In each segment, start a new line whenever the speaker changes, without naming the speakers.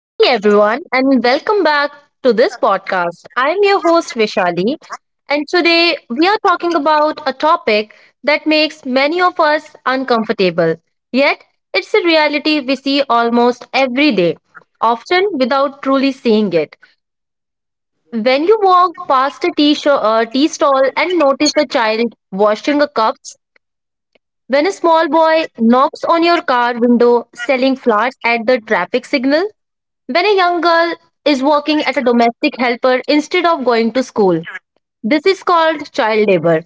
Hey everyone, and welcome back to this podcast. I'm your host Vishali, and today we are talking about a topic that makes many of us uncomfortable. Yet, it's a reality we see almost every day, often without truly seeing it. When you walk past a tea stall and notice a child washing a cups, when a small boy knocks on your car window selling flowers at the traffic signal, when a young girl is working as a domestic helper instead of going to school, this is called child labor.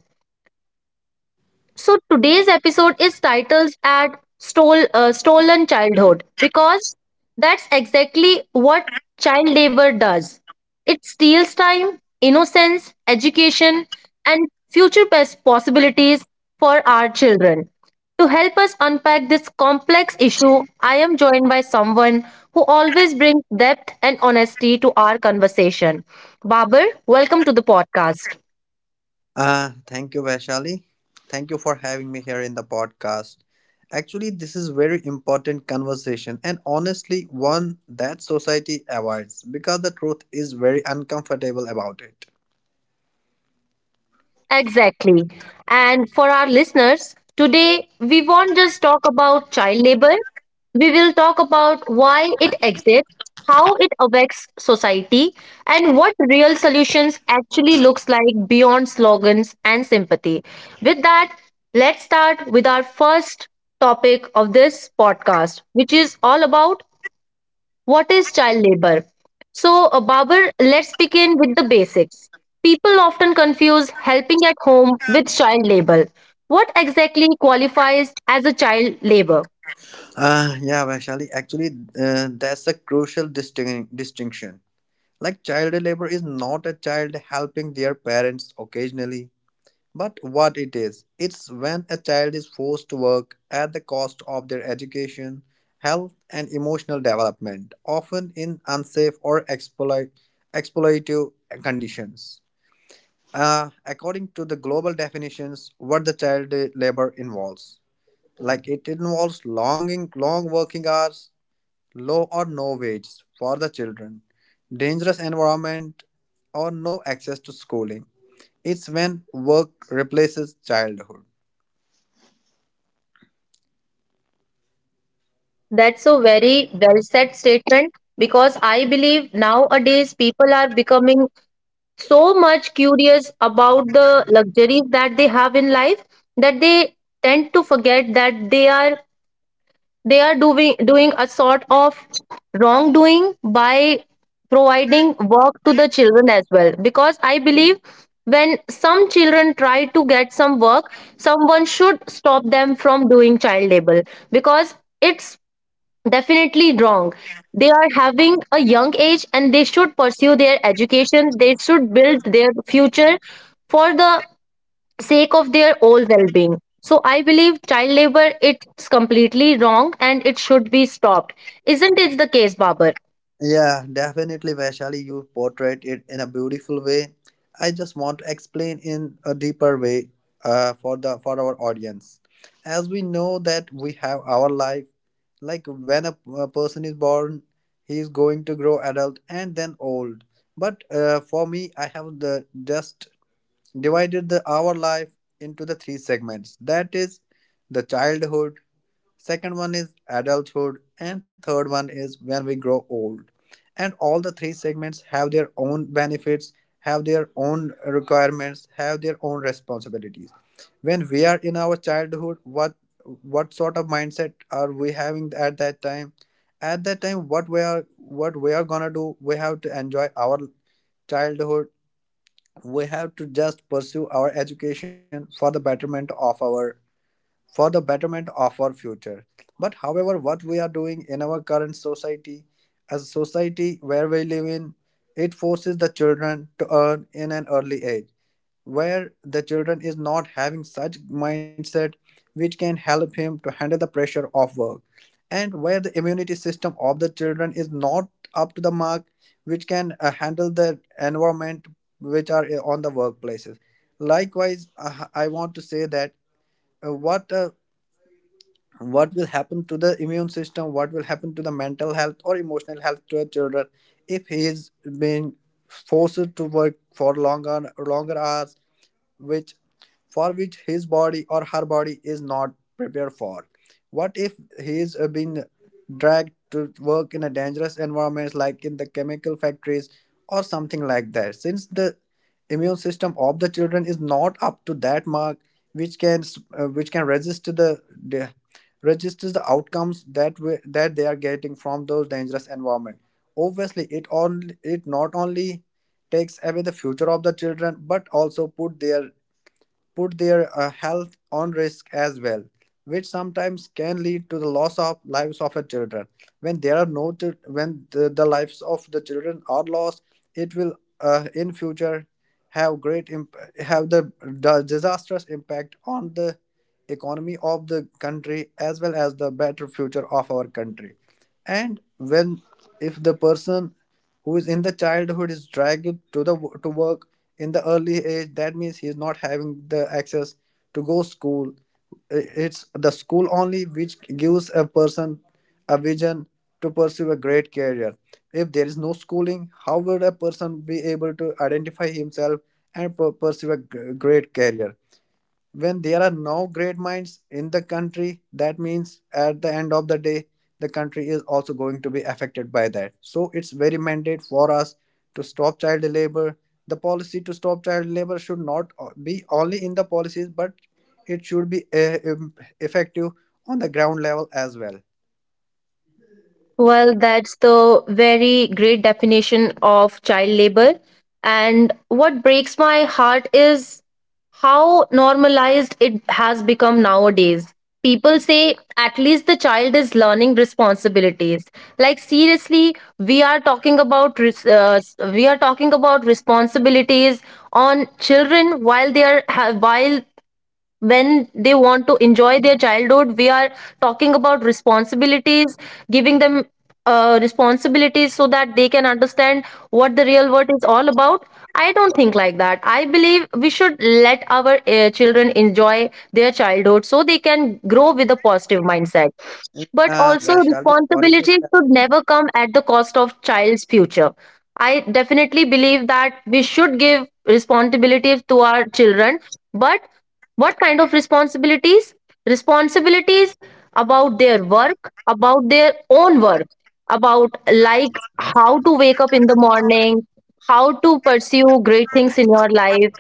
So today's episode is titled at Stolen Childhood, because that's exactly what child labor does. It steals time, innocence, education, and future possibilities for our children. To help us unpack this complex issue, I am joined by someone who always brings depth and honesty to our conversation. Babar, welcome to the podcast.
Thank you, Vaishali. Thank you for having me here in the podcast. Actually, this is very important conversation and honestly one that society avoids because the truth is very uncomfortable about it.
Exactly. And for our listeners, today we won't just talk about child labor, we will talk about why it exists, how it affects society, and what real solutions actually looks like beyond slogans and sympathy. With that, let's start with our first topic of this podcast, which is all about what is child labor? So, Babar, let's begin with the basics. People often confuse helping at home with child labor. What exactly qualifies as a child labor?
Yeah, Vaishali, that's a crucial distinction. Like, child labor is not a child helping their parents occasionally. But what it is, it's when a child is forced to work at the cost of their education, health, and emotional development, often in exploitative conditions. According to the global definitions, what the child labor involves, like it involves long working hours, low or no wages for the children, dangerous environment, or no access to schooling. It's when work replaces childhood.
That's a very well said statement, because I believe nowadays people are becoming so much curious about the luxuries that they have in life that they tend to forget that they are doing a sort of wrongdoing by providing work to the children as well, because I believe when some children try to get some work, someone should stop them from doing child labor, because it's definitely wrong. They are having a young age and they should pursue their education, they should build their future for the sake of their all well-being. So I believe child labor, it's completely wrong and it should be stopped. Isn't it the case, Babar?
Yeah, definitely, Vaishali, you portrayed it in a beautiful way. I just want to explain in a deeper way for the for our audience. As we know that we have our life, like when a person is born, he is going to grow adult and then old. But for me, I have the just divided the our life into the three segments. That is the childhood, second one is adulthood and third one is when we grow old, and all the three segments have their own benefits, have their own requirements, have their own responsibilities. When we are in our childhood, what sort of mindset are we having at that time? At that time, what we are gonna do, we have to enjoy our childhood. We have to just pursue our education for the betterment of our for the betterment of our future. But however, what we are doing in our current society, as a society where we live in, it forces the children to earn in an early age, where the children is not having such mindset which can help him to handle the pressure of work, and where the immunity system of the children is not up to the mark, which can handle the environment which are on the workplaces. Likewise, I want to say that uh, what uh, what will happen to the immune system, what will happen to the mental health or emotional health to a children if he is being forced to work for longer hours, which, for which his body or her body is not prepared for? What if he is being dragged to work in a dangerous environment like in the chemical factories or something like that, since the immune system of the children is not up to that mark which which can resist to the, registers the outcomes that that they are getting from those dangerous environment? Obviously it not only takes away the future of the children but also put their health on risk as well, which sometimes can lead to the loss of lives of a children. When there are no chil- when the lives of the children are lost, it will in future have the disastrous impact on the economy of the country as well as the better future of our country. And when, if the person who is in the childhood is dragged to the to work in the early age, that means he is not having the access to go school. It's the school only which gives a person a vision to pursue a great career. If there is no schooling, how would a person be able to identify himself and pursue a great career? When there are no great minds in the country, that means at the end of the day, the country is also going to be affected by that. So it's very mandate for us to stop child labor. The policy to stop child labor should not be only in the policies, but it should be effective on the ground level as well.
Well, that's the very great definition of child labor. And what breaks my heart is how normalized it has become nowadays. People say at least the child is learning responsibilities. Like seriously, we are talking about we are talking about responsibilities on children while they are ha- while when they want to enjoy their childhood, we are talking about responsibilities, giving them responsibilities so that they can understand what the real world is all about. I don't think like that. I believe we should let our children enjoy their childhood so they can grow with a positive mindset, but also
Where shall we? Sorry to.
responsibility should never come at the cost of child's future. I definitely believe that we should give responsibility to our children, but what kind of responsibilities? Responsibilities about their work, about their own work, about like how to wake up in the morning, how to pursue great things in your life,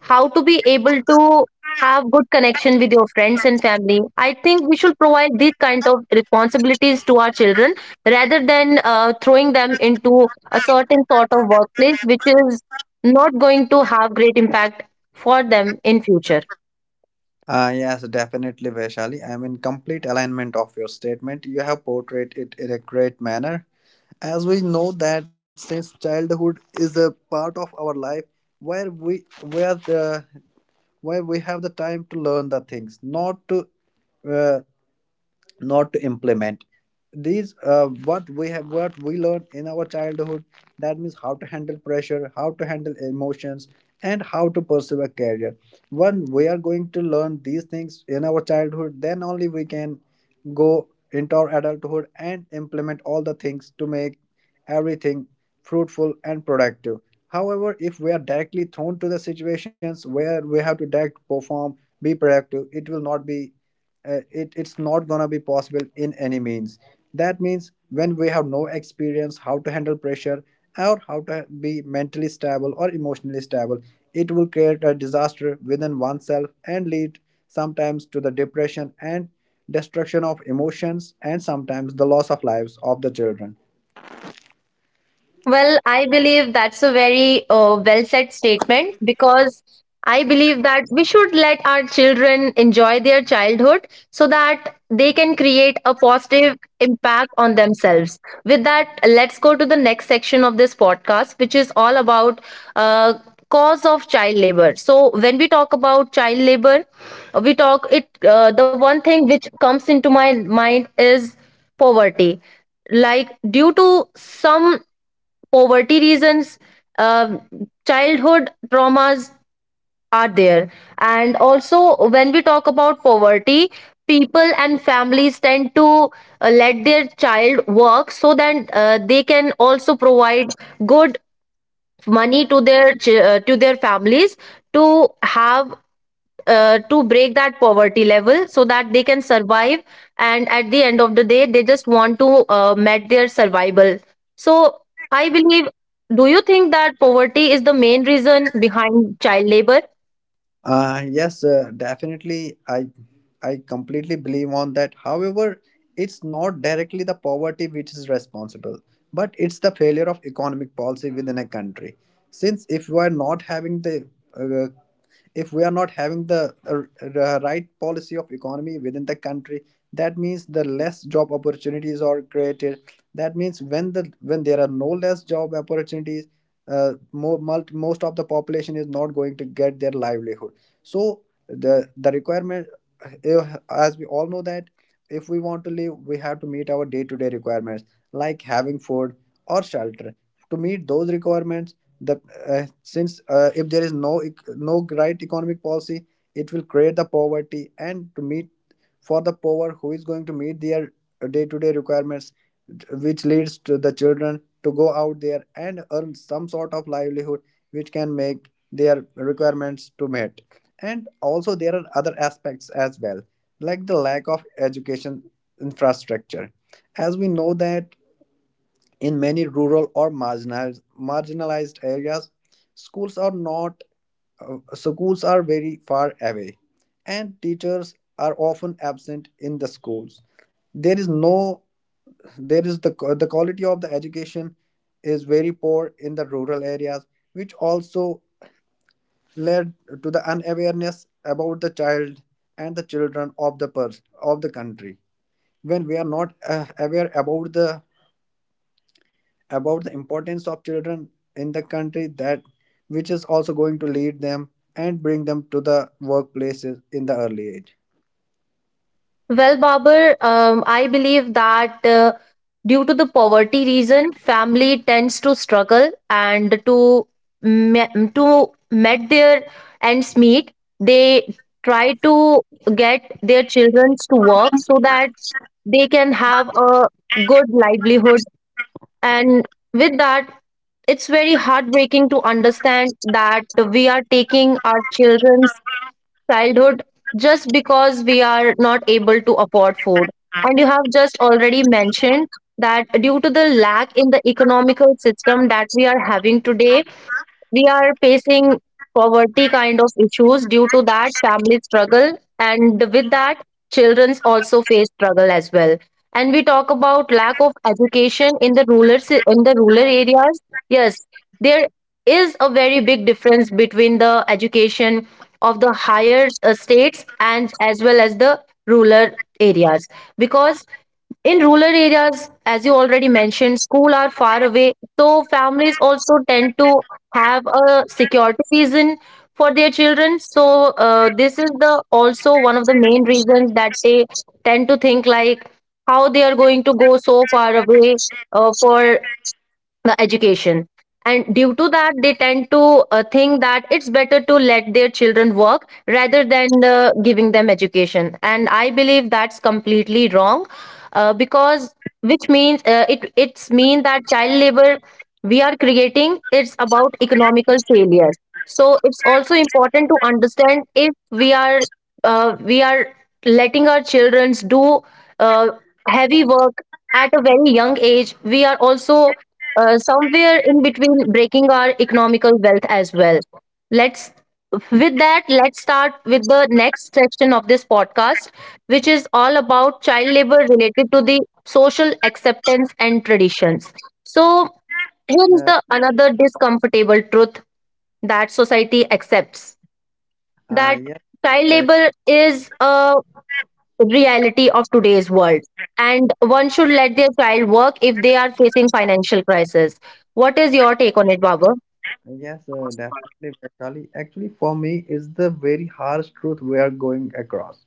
how to be able to have good connection with your friends and family. I think we should provide these kind of responsibilities to our children rather than throwing them into a certain sort of workplace which is not going to have great impact for them in future.
Yes, definitely, Vaishali. I am in complete alignment of your statement. You have portrayed it in a great manner. As we know that since childhood is a part of our life where the where we have the time to learn the things, uh, not to implement these what we have what we learned in our childhood. That means how to handle pressure, how to handle emotions, and how to pursue a career. When we are going to learn these things in our childhood, then only we can go into our adulthood and implement all the things to make everything fruitful and productive. However, if we are directly thrown to the situations where we have to direct perform, be productive, it will not be it's not gonna be possible in any means. That means when we have no experience how to handle pressure or how to be mentally stable or emotionally stable, it will create a disaster within oneself and lead sometimes to the depression and destruction of emotions and sometimes the loss of lives of the children.
Well, I believe that's a very well said statement, because I believe that we should let our children enjoy their childhood so that they can create a positive impact on themselves. With that, let's go to the next section of this podcast, which is all about uh, cause of child labor. So when we talk about child labor, we talk it. The one thing which comes into my mind is poverty. Like due to some poverty reasons, um childhood traumas are there. And also, when we talk about poverty, people and families tend to let their child work so that they can also provide good money to their to their families to have to break that poverty level so that they can survive, and at the end of the day they just want to met their survival. So I believe, do you think that poverty is the main reason behind child labor?
Yes, Definitely. I completely believe on that. However, it's not directly the poverty which is responsible, but it's the failure of economic policy within a country. Since if we are not having the uh, if we are not having the right policy of economy within the country, that means the less job opportunities are created. That means when there are no less job opportunities, uh, more, most of the population is not going to get their livelihood. So the requirement, eh, as we all know that if we want to live, we have to meet our day to day requirements like having food or shelter. To meet those requirements, the since if there is no right economic policy, it will create the poverty. And to meet, for the poor, who is going to meet their day to day requirements? Which leads to the children to go out there and earn some sort of livelihood which can make their requirements to meet. And also, there are other aspects as well, like the lack of education infrastructure. As we know that in many rural or marginalized areas, schools are not schools are very far away, and teachers are often absent in the schools. There is no There is the quality of the education is very poor in the rural areas, which also led to the unawareness about the child and the children of the of the country. When we are not aware about the, about the importance of children in the country, that which is also going to lead them and bring them to the workplaces in the early age.
Well, Babur, I believe that due to the poverty reason, family tends to struggle, and to to met their ends meet, they try to get their children to work so that they can have a good livelihood. And with that, it's very heartbreaking to understand that we are taking our children childhood just because we are not able to afford food. And you have just already mentioned that due to the lack in the economical system that we are having today, we are facing poverty kind of issues. Due to that, families struggle, and with that, children's also face struggle as well. And we talk about lack of education in the in the rural areas, yes, there is a very big difference between the education of the higher states and as well as the rural areas, because in rural areas, as you already mentioned, school are far away, so families also tend to have a security reason for their children. So this is the also one of the main reasons that they tend to think like how they are going to go so far away for the education, and due to that they tend to think that it's better to let their children work rather than giving them education, and I believe that's completely wrong, because which means it it's mean that child labor we are creating, it's about economical failures. So it's also important to understand if we are we are letting our children do uh, heavy work at a very young age, we are also somewhere in between breaking our economical wealth as well. Let's with that, let's start with the next section of this podcast, which is all about child labor related to the social acceptance and traditions. So here is
Uh,
the another discomfortable truth that society accepts
uh,
that
yes,
child labor is a reality of today's world, and one should let their child work if they are facing financial crisis. What is your take on it, Baba?
Yes, definitely, Vaishali. Actually, for me, is the very harsh truth we are going across.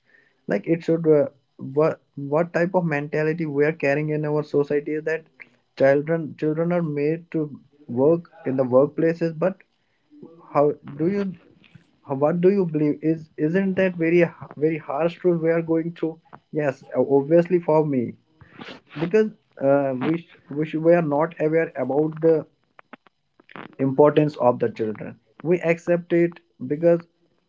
Like, what type of mentality we are carrying in our society is that children are made to work in the workplaces. But how do you, how, what do you believe? Is Isn't that very harsh truth we are going through? Yes, obviously for me, because we are not aware about the importance of the children. We accept it because,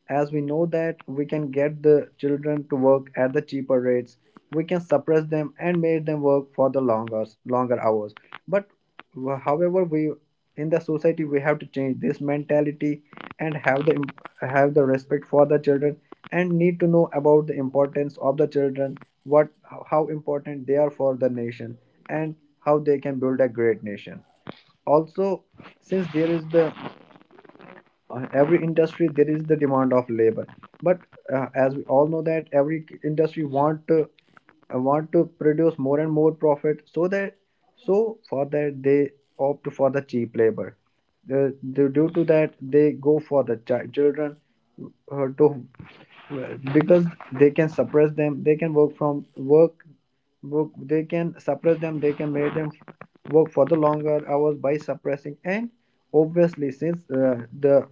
as we know that we can get the children to work at the cheaper rates, we can suppress them and make them work for the longer hours. But however, we in the society, we have to change this mentality and have the respect for the children, and need to know about the importance of the children, what, how important they are for the nation, and how they can build a great nation. Also, since there is the every industry, there is the demand of labor. But as we all know that every industry want to produce more and more profit. So that, so for that, they opt for the cheap labor. Due to that they go for the children to well, because they can suppress them, they can work from work work they can suppress them, they can make them work for the longer hours by suppressing. And obviously, since the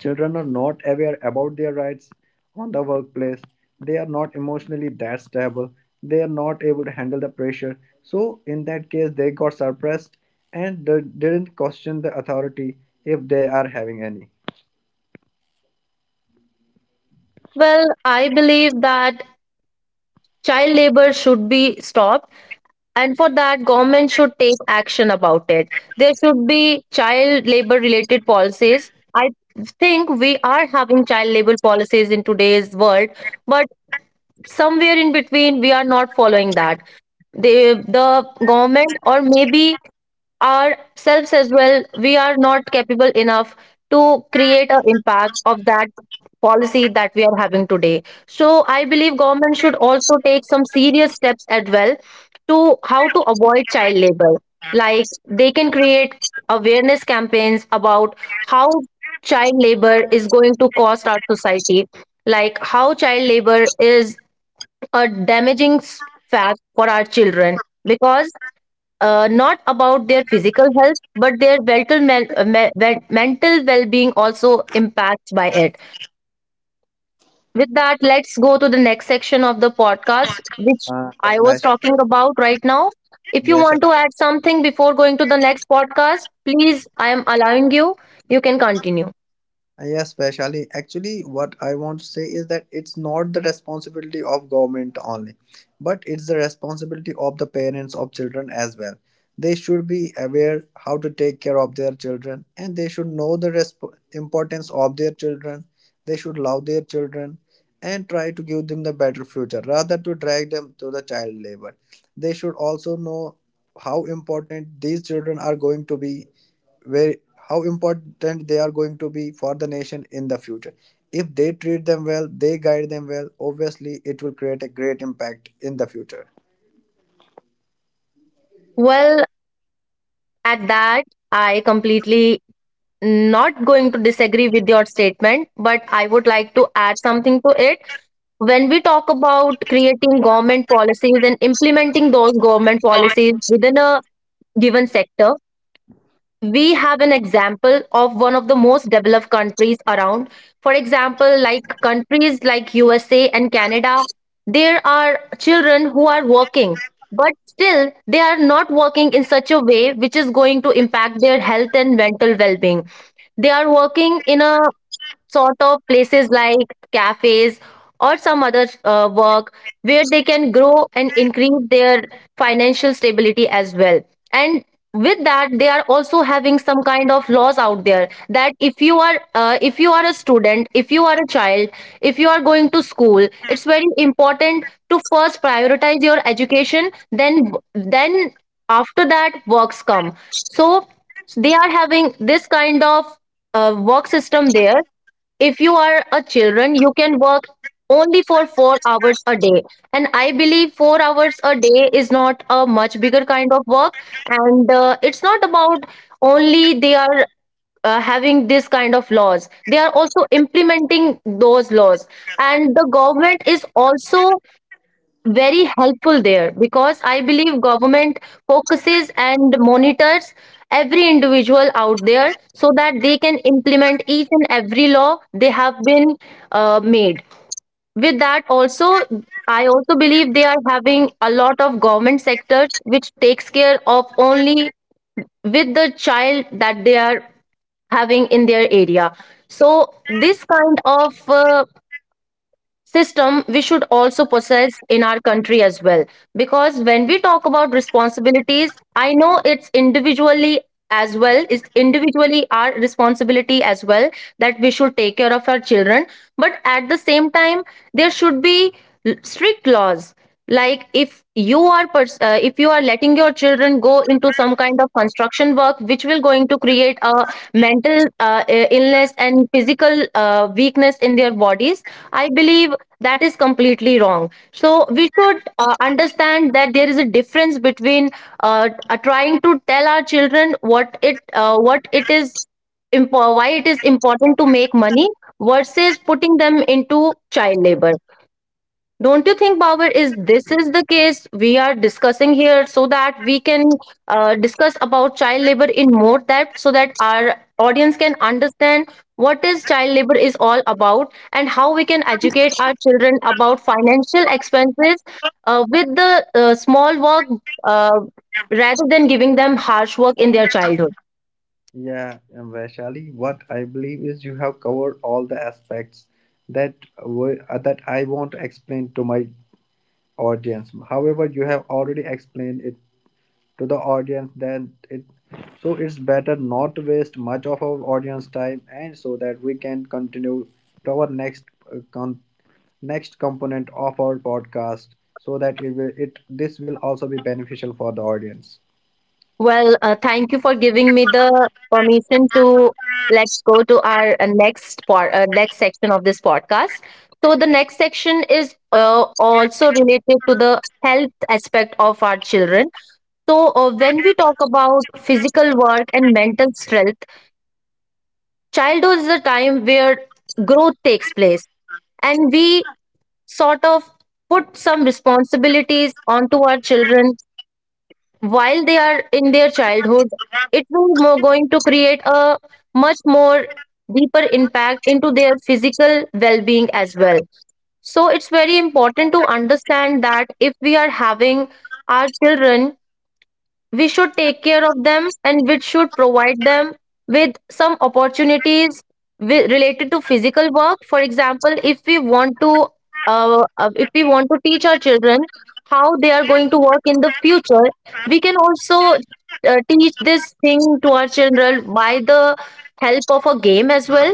children are not aware about their rights on the workplace, they are not emotionally that stable, they are not able to handle the pressure, so in that case they got suppressed and they didn't question the authority if they are having any.
Well, I believe that child labor should be stopped, and for that government should take action about it. There should be child labor related policies. I think we are having child labor policies in today's world, but somewhere in between we are not following that. They, the government, or maybe ourselves as well, we are not capable enough to create an impact of that policy that we are having today. So I believe government should also take some serious steps as well to how to avoid child labor. Like they can create awareness campaigns about how child labor is going to cost our society, like how child labor is a damaging fact for our children, because not about their physical health, but their mental mental well-being also impacts by it. With that, let's go to the next section of the podcast, which
uh,
I was talking about right now. If you want
Vaishak.
to add something before going to the next podcast, please, I am allowing you, you can continue.
Yes, especially actually, what I want to say is that it's not the responsibility of government only, but it's the responsibility of the parents of children as well. They should be aware how to take care of their children and they should know the importance of their children. They should love their children and try to give them the better future rather to drag them to the child labor. They should also know how important these children are going to be, where how important they are going to be for the nation in the future. If they treat them well, they guide them well, obviously it will create a great impact in the future.
Well, at that, I completely not going to disagree with your statement, but I would like to add something to it. When we talk about creating government policies and implementing those government policies within a given sector, we have an example of one of the most developed countries around. For example, like countries like USA and Canada, there are children who are working, but still they are not working in such a way which is going to impact their health and mental well-being. They are working in a sort of places like cafes or some other work where they can grow and increase their financial stability as well. And with that, they are also having some kind of laws out there that if you are if you are a student, if you are a child, if you are going to school, it's very important to first prioritize your education, then then after that works come. So they are having this kind of work system there. If you are a children, you can work only for 4 hours a day, and I believe 4 hours a day is not a much bigger kind of work. And it's not about only they are having this kind of laws, they are also implementing those laws. And the government is also very helpful there, because I believe government focuses and monitors every individual out there so that they can implement each and every law they have been made. With that also, I also believe they are having a lot of government sectors which takes care of only with the child that they are having in their area, so This kind of system we should also possess in our country as well, because when we talk about responsibilities, I know it's individually as well, it's individually our responsibility as well, that we should take care of our children. But at the same time, there should be strict laws. Like if you are if you are letting your children go into some kind of construction work which will going to create a mental illness and physical weakness in their bodies, I believe that is completely wrong. So we should understand that there is a difference between trying to tell our children what it is, why it is important to make money versus putting them into child labor. Don't you think, Bauer, is this is the case we are discussing here, so that we can discuss about child labor in more depth so that our audience can understand what is child labor is all about and how we can educate our children about financial expenses with the small work, uh, rather than giving them harsh work in their childhood.
Yeah, and Vaishali, what I believe is you have covered all the aspects that that I want to explain to my audience. However, you have already explained it to the audience. Then it so it's better not to waste much of our audience time, and so that we can continue to our next next component of our podcast so that it will it this will also be beneficial for the audience.
Well, thank you for giving me the permission to let's go to our next part, next section of this podcast. So the next section is also related to the health aspect of our children. So when we talk about physical work and mental strength, childhood is the time where growth takes place, and we sort of put some responsibilities onto our children. While they are in their childhood, it will more going to create a much more deeper impact into their physical well-being as well. So it's very important to understand that if we are having our children, we should take care of them and we should provide them with some opportunities related to physical work. For example, if we want to if we want to teach our children how they are going to work in the future, we can also teach this thing to our children by the help of a game as well.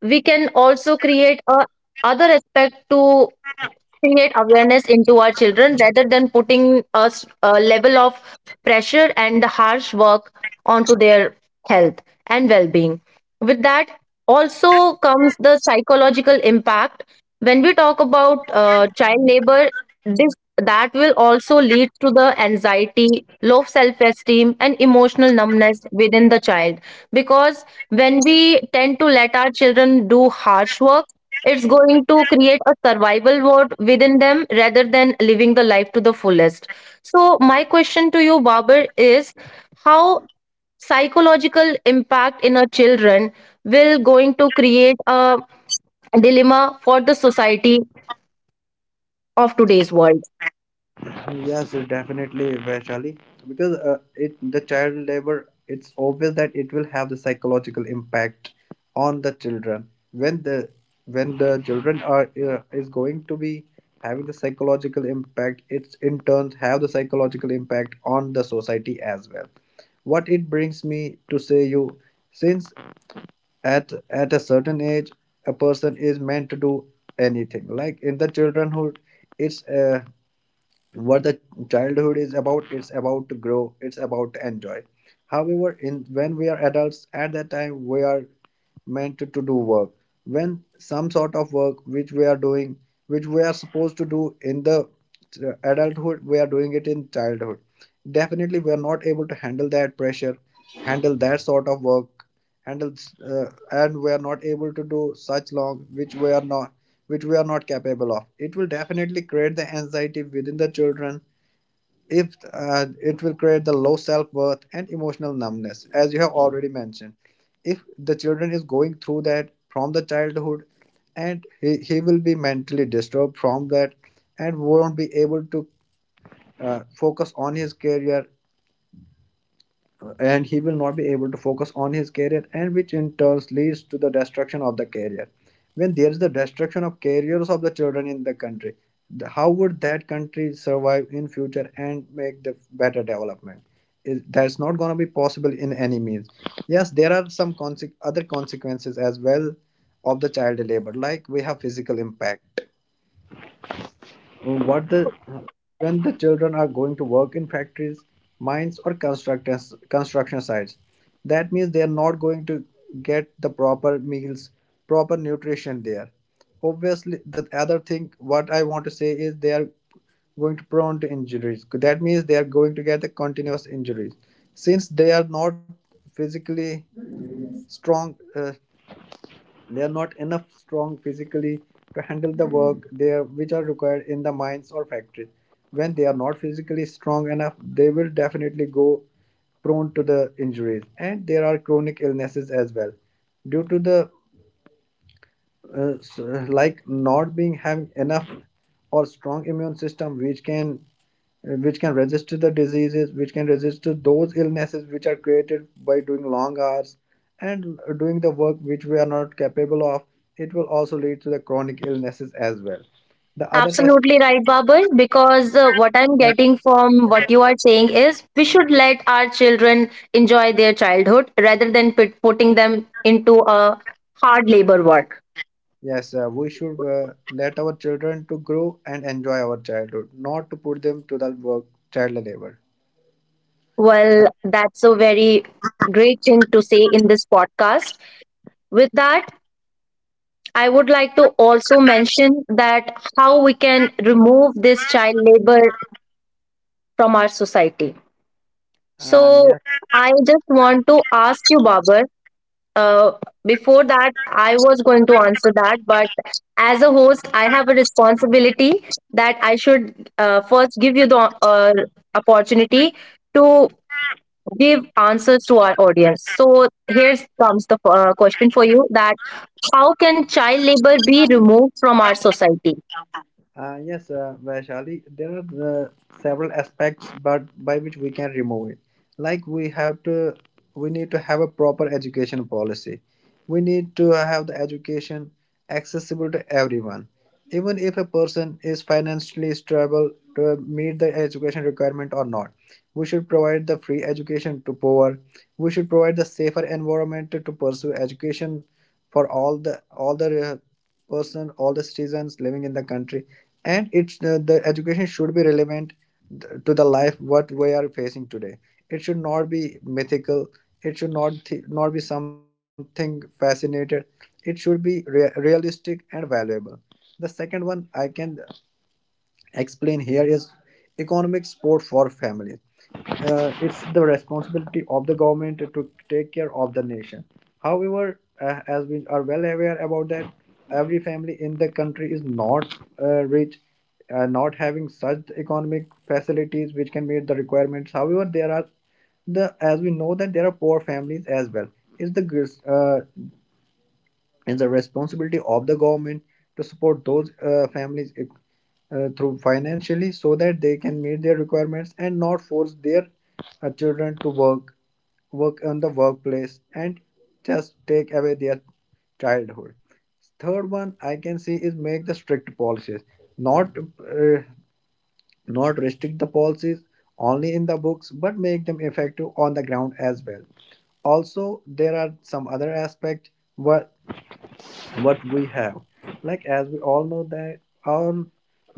We can also create a other aspect to create awareness into our children rather than putting us a level of pressure and harsh work onto their health and well-being. With that also comes the psychological impact. When we talk about child labor, this that will also lead to the anxiety, low self-esteem and emotional numbness within the child. Because when we tend to let our children do harsh work, it's going to create a survival mode within them rather than living the life to the fullest. So, my question to you, Babar, is how psychological impact in our children will going to create a dilemma for the society of today's world.
Yes, definitely Vaishali, because it the child labor, it's obvious that it will have the psychological impact on the children. When the children are is going to be having the psychological impact, it's in turn have the psychological impact on the society as well. What it brings me to say you, since at a certain age a person is meant to do anything. Like in the childhood, it's what the childhood is about, it's about to grow, it's about to enjoy. However, in when we are adults, at that time we are meant to do work. When some sort of work which we are doing, which we are supposed to do in the adulthood, we are doing it in childhood. Definitely we are not able to handle that pressure, handle that sort of work, handles and we are not able to do such long, which we are not capable of. It will definitely create the anxiety within the children. If it will create the low self-worth and emotional numbness, as you have already mentioned. If the children is going through that from the childhood, and he will be mentally disturbed from that and won't be able to focus on his career. And he will not be able to focus on his career, and which in turns leads to the destruction of the career. When there is the destruction of careers of the children in the country, how would that country survive in future and make the better development? Is that's not going to be possible in any means. Yes, there are other consequences as well of the child labor. Like we have physical impact. What the when the children are going to work in factories, mines or construction sites, that means they are not going to get the proper meals, proper nutrition there. Obviously, the other thing what I want to say is they are going to prone to injuries. That means they are going to get the continuous injuries, since they are not physically strong. They are not enough strong physically to handle the work there which are required in the mines or factories. When they are not physically strong enough, they will definitely go prone to the injuries, and there are chronic illnesses as well due to the uh, s- like not being having enough or strong immune system which can resist to the diseases, which can resist to those illnesses which are created by doing long hours and doing the work which we are not capable of. It will also lead to the chronic illnesses as well. The other aspect.
Absolutely right, Babur. Because what I'm getting from what you are saying is we should let our children enjoy their childhood rather than putting them into a hard labor work.
Yes, we should let our children to grow and enjoy our childhood, not to put them to the work, child labor.
Well, that's a very great thing to say in this podcast. With that, I would like to also mention that how we can remove this child labor from our society.
uh,
So,
yeah
I just want to ask you, Babar, Uh, before that, I was going to answer that, but as a host, I have a responsibility that I should first give you the uh, opportunity to give answers to our audience. So here comes the question for you: that how can child labor be removed from our society?
Yes, Vaishali, there are several aspects but by which we can remove it. Like we need to have a proper education policy. We need to have the education accessible to everyone. Even if a person is financially stable to meet the education requirement or not, we should provide the free education to poor. We should provide the safer environment to pursue education for all the person, all the citizens living in the country. And it's the education should be relevant to the life what we are facing today. It should not be mythical, it should not not be something fascinated, it should be realistic and valuable. The second one I can explain here is economic support for families. It's the responsibility of the government to take care of the nation. However, as we are well aware about that, every family in the country is not rich, not having such economic facilities which can meet the requirements. However, there are the as we know that there are poor families as well. It's the gr- uh, and the responsibility of the government to support those families through financially so that they can meet their requirements and not force their children to work on the workplace and just take away their childhood. Third one I can see is make the strict policies, not uh, not restrict the policies only in the books but make them effective on the ground as well. Also, there are some other aspects where what we have. Like as we all know that our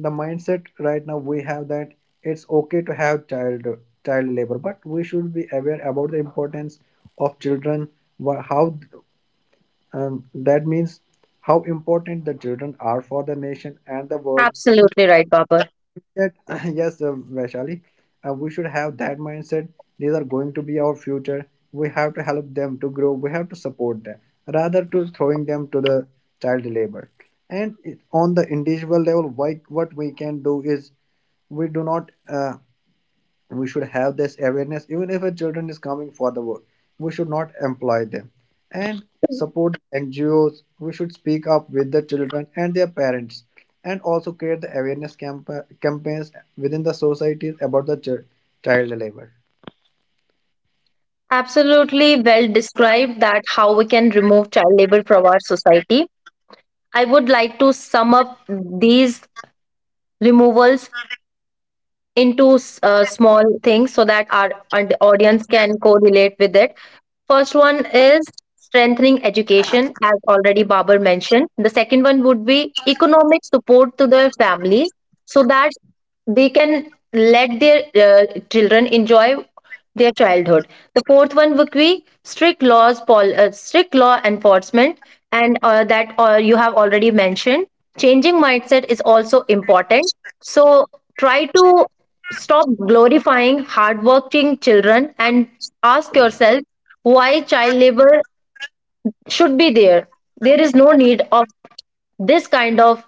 the mindset right now we have that it's okay to have child labor, but we should be aware about the importance of children. How that means how important the children are for the nation and the world.
Absolutely right, Babar.
Mindset. Yes, Vaishali, we should have that mindset. These are going to be our future. We have to help them to grow. We have to support them rather to throwing them to the child labor. And on the individual level, what we can do is we do not. We should have this awareness. Even if a children is coming for the work, we should not employ them and support NGOs. We should speak up with the children and their parents, and also create the campaigns within the societies about the child labor.
Absolutely well described that how we can remove child labor from our society. I would like to sum up these removals into small things so that our audience can correlate with it. First one is strengthening education, as already Babar mentioned. The second one would be economic support to their families so that they can let their children enjoy their childhood. The fourth one would be strict laws, strict law enforcement, and that you have already mentioned. Changing mindset is also important. So try to stop glorifying hardworking children and ask yourself why child labor should be there. There is no need of this kind of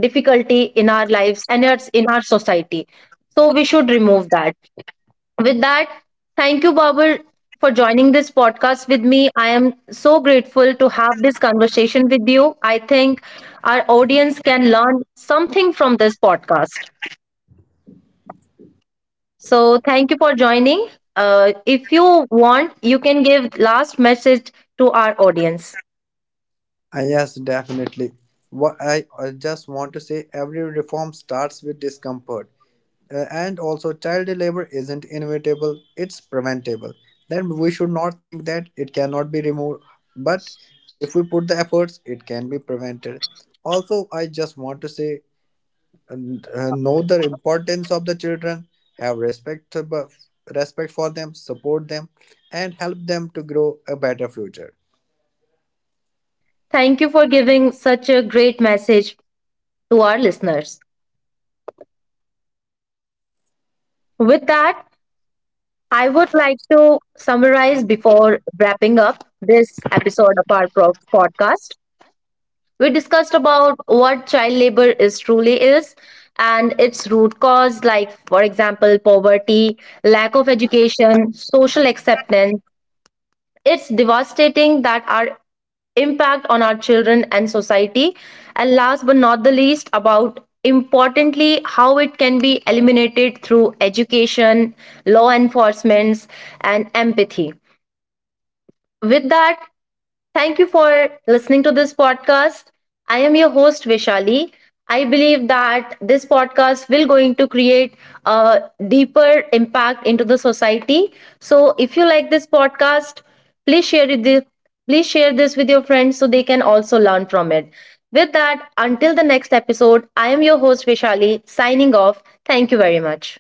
difficulty in our lives and it's in our society. So we should remove that. With that, thank you, Babur, for joining this podcast with me. I am so grateful to have this conversation with you. I think our audience can learn something from this podcast. So thank you for joining. If you want, you can give last message to our audience.
Yes definitely. What I just want to say: every reform starts with discomfort. And also, child labor isn't inevitable, it's preventable. Then we should not think that it cannot be removed, but if we put the efforts, it can be prevented. Also, I just want to say and, know the importance of the children, have respect, respect for them, support them, and help them to grow a better future.
Thank you for giving such a great message to our listeners. With that, I would like to summarize before wrapping up this episode of our podcast. We discussed about what child labor is truly is and its root cause, like for example poverty, lack of education, social acceptance. It's devastating that our impact on our children and society, and last but not the least, about importantly how it can be eliminated through education, law enforcements, and empathy. With that, thank you for listening to this podcast. I am your host Vishali. I believe that this podcast will going to create a deeper impact into the society. So if you like this podcast, please share it with, please share this with your friends so they can also learn from it. With that, until the next episode, I am your host Vishali signing off. Thank you very much.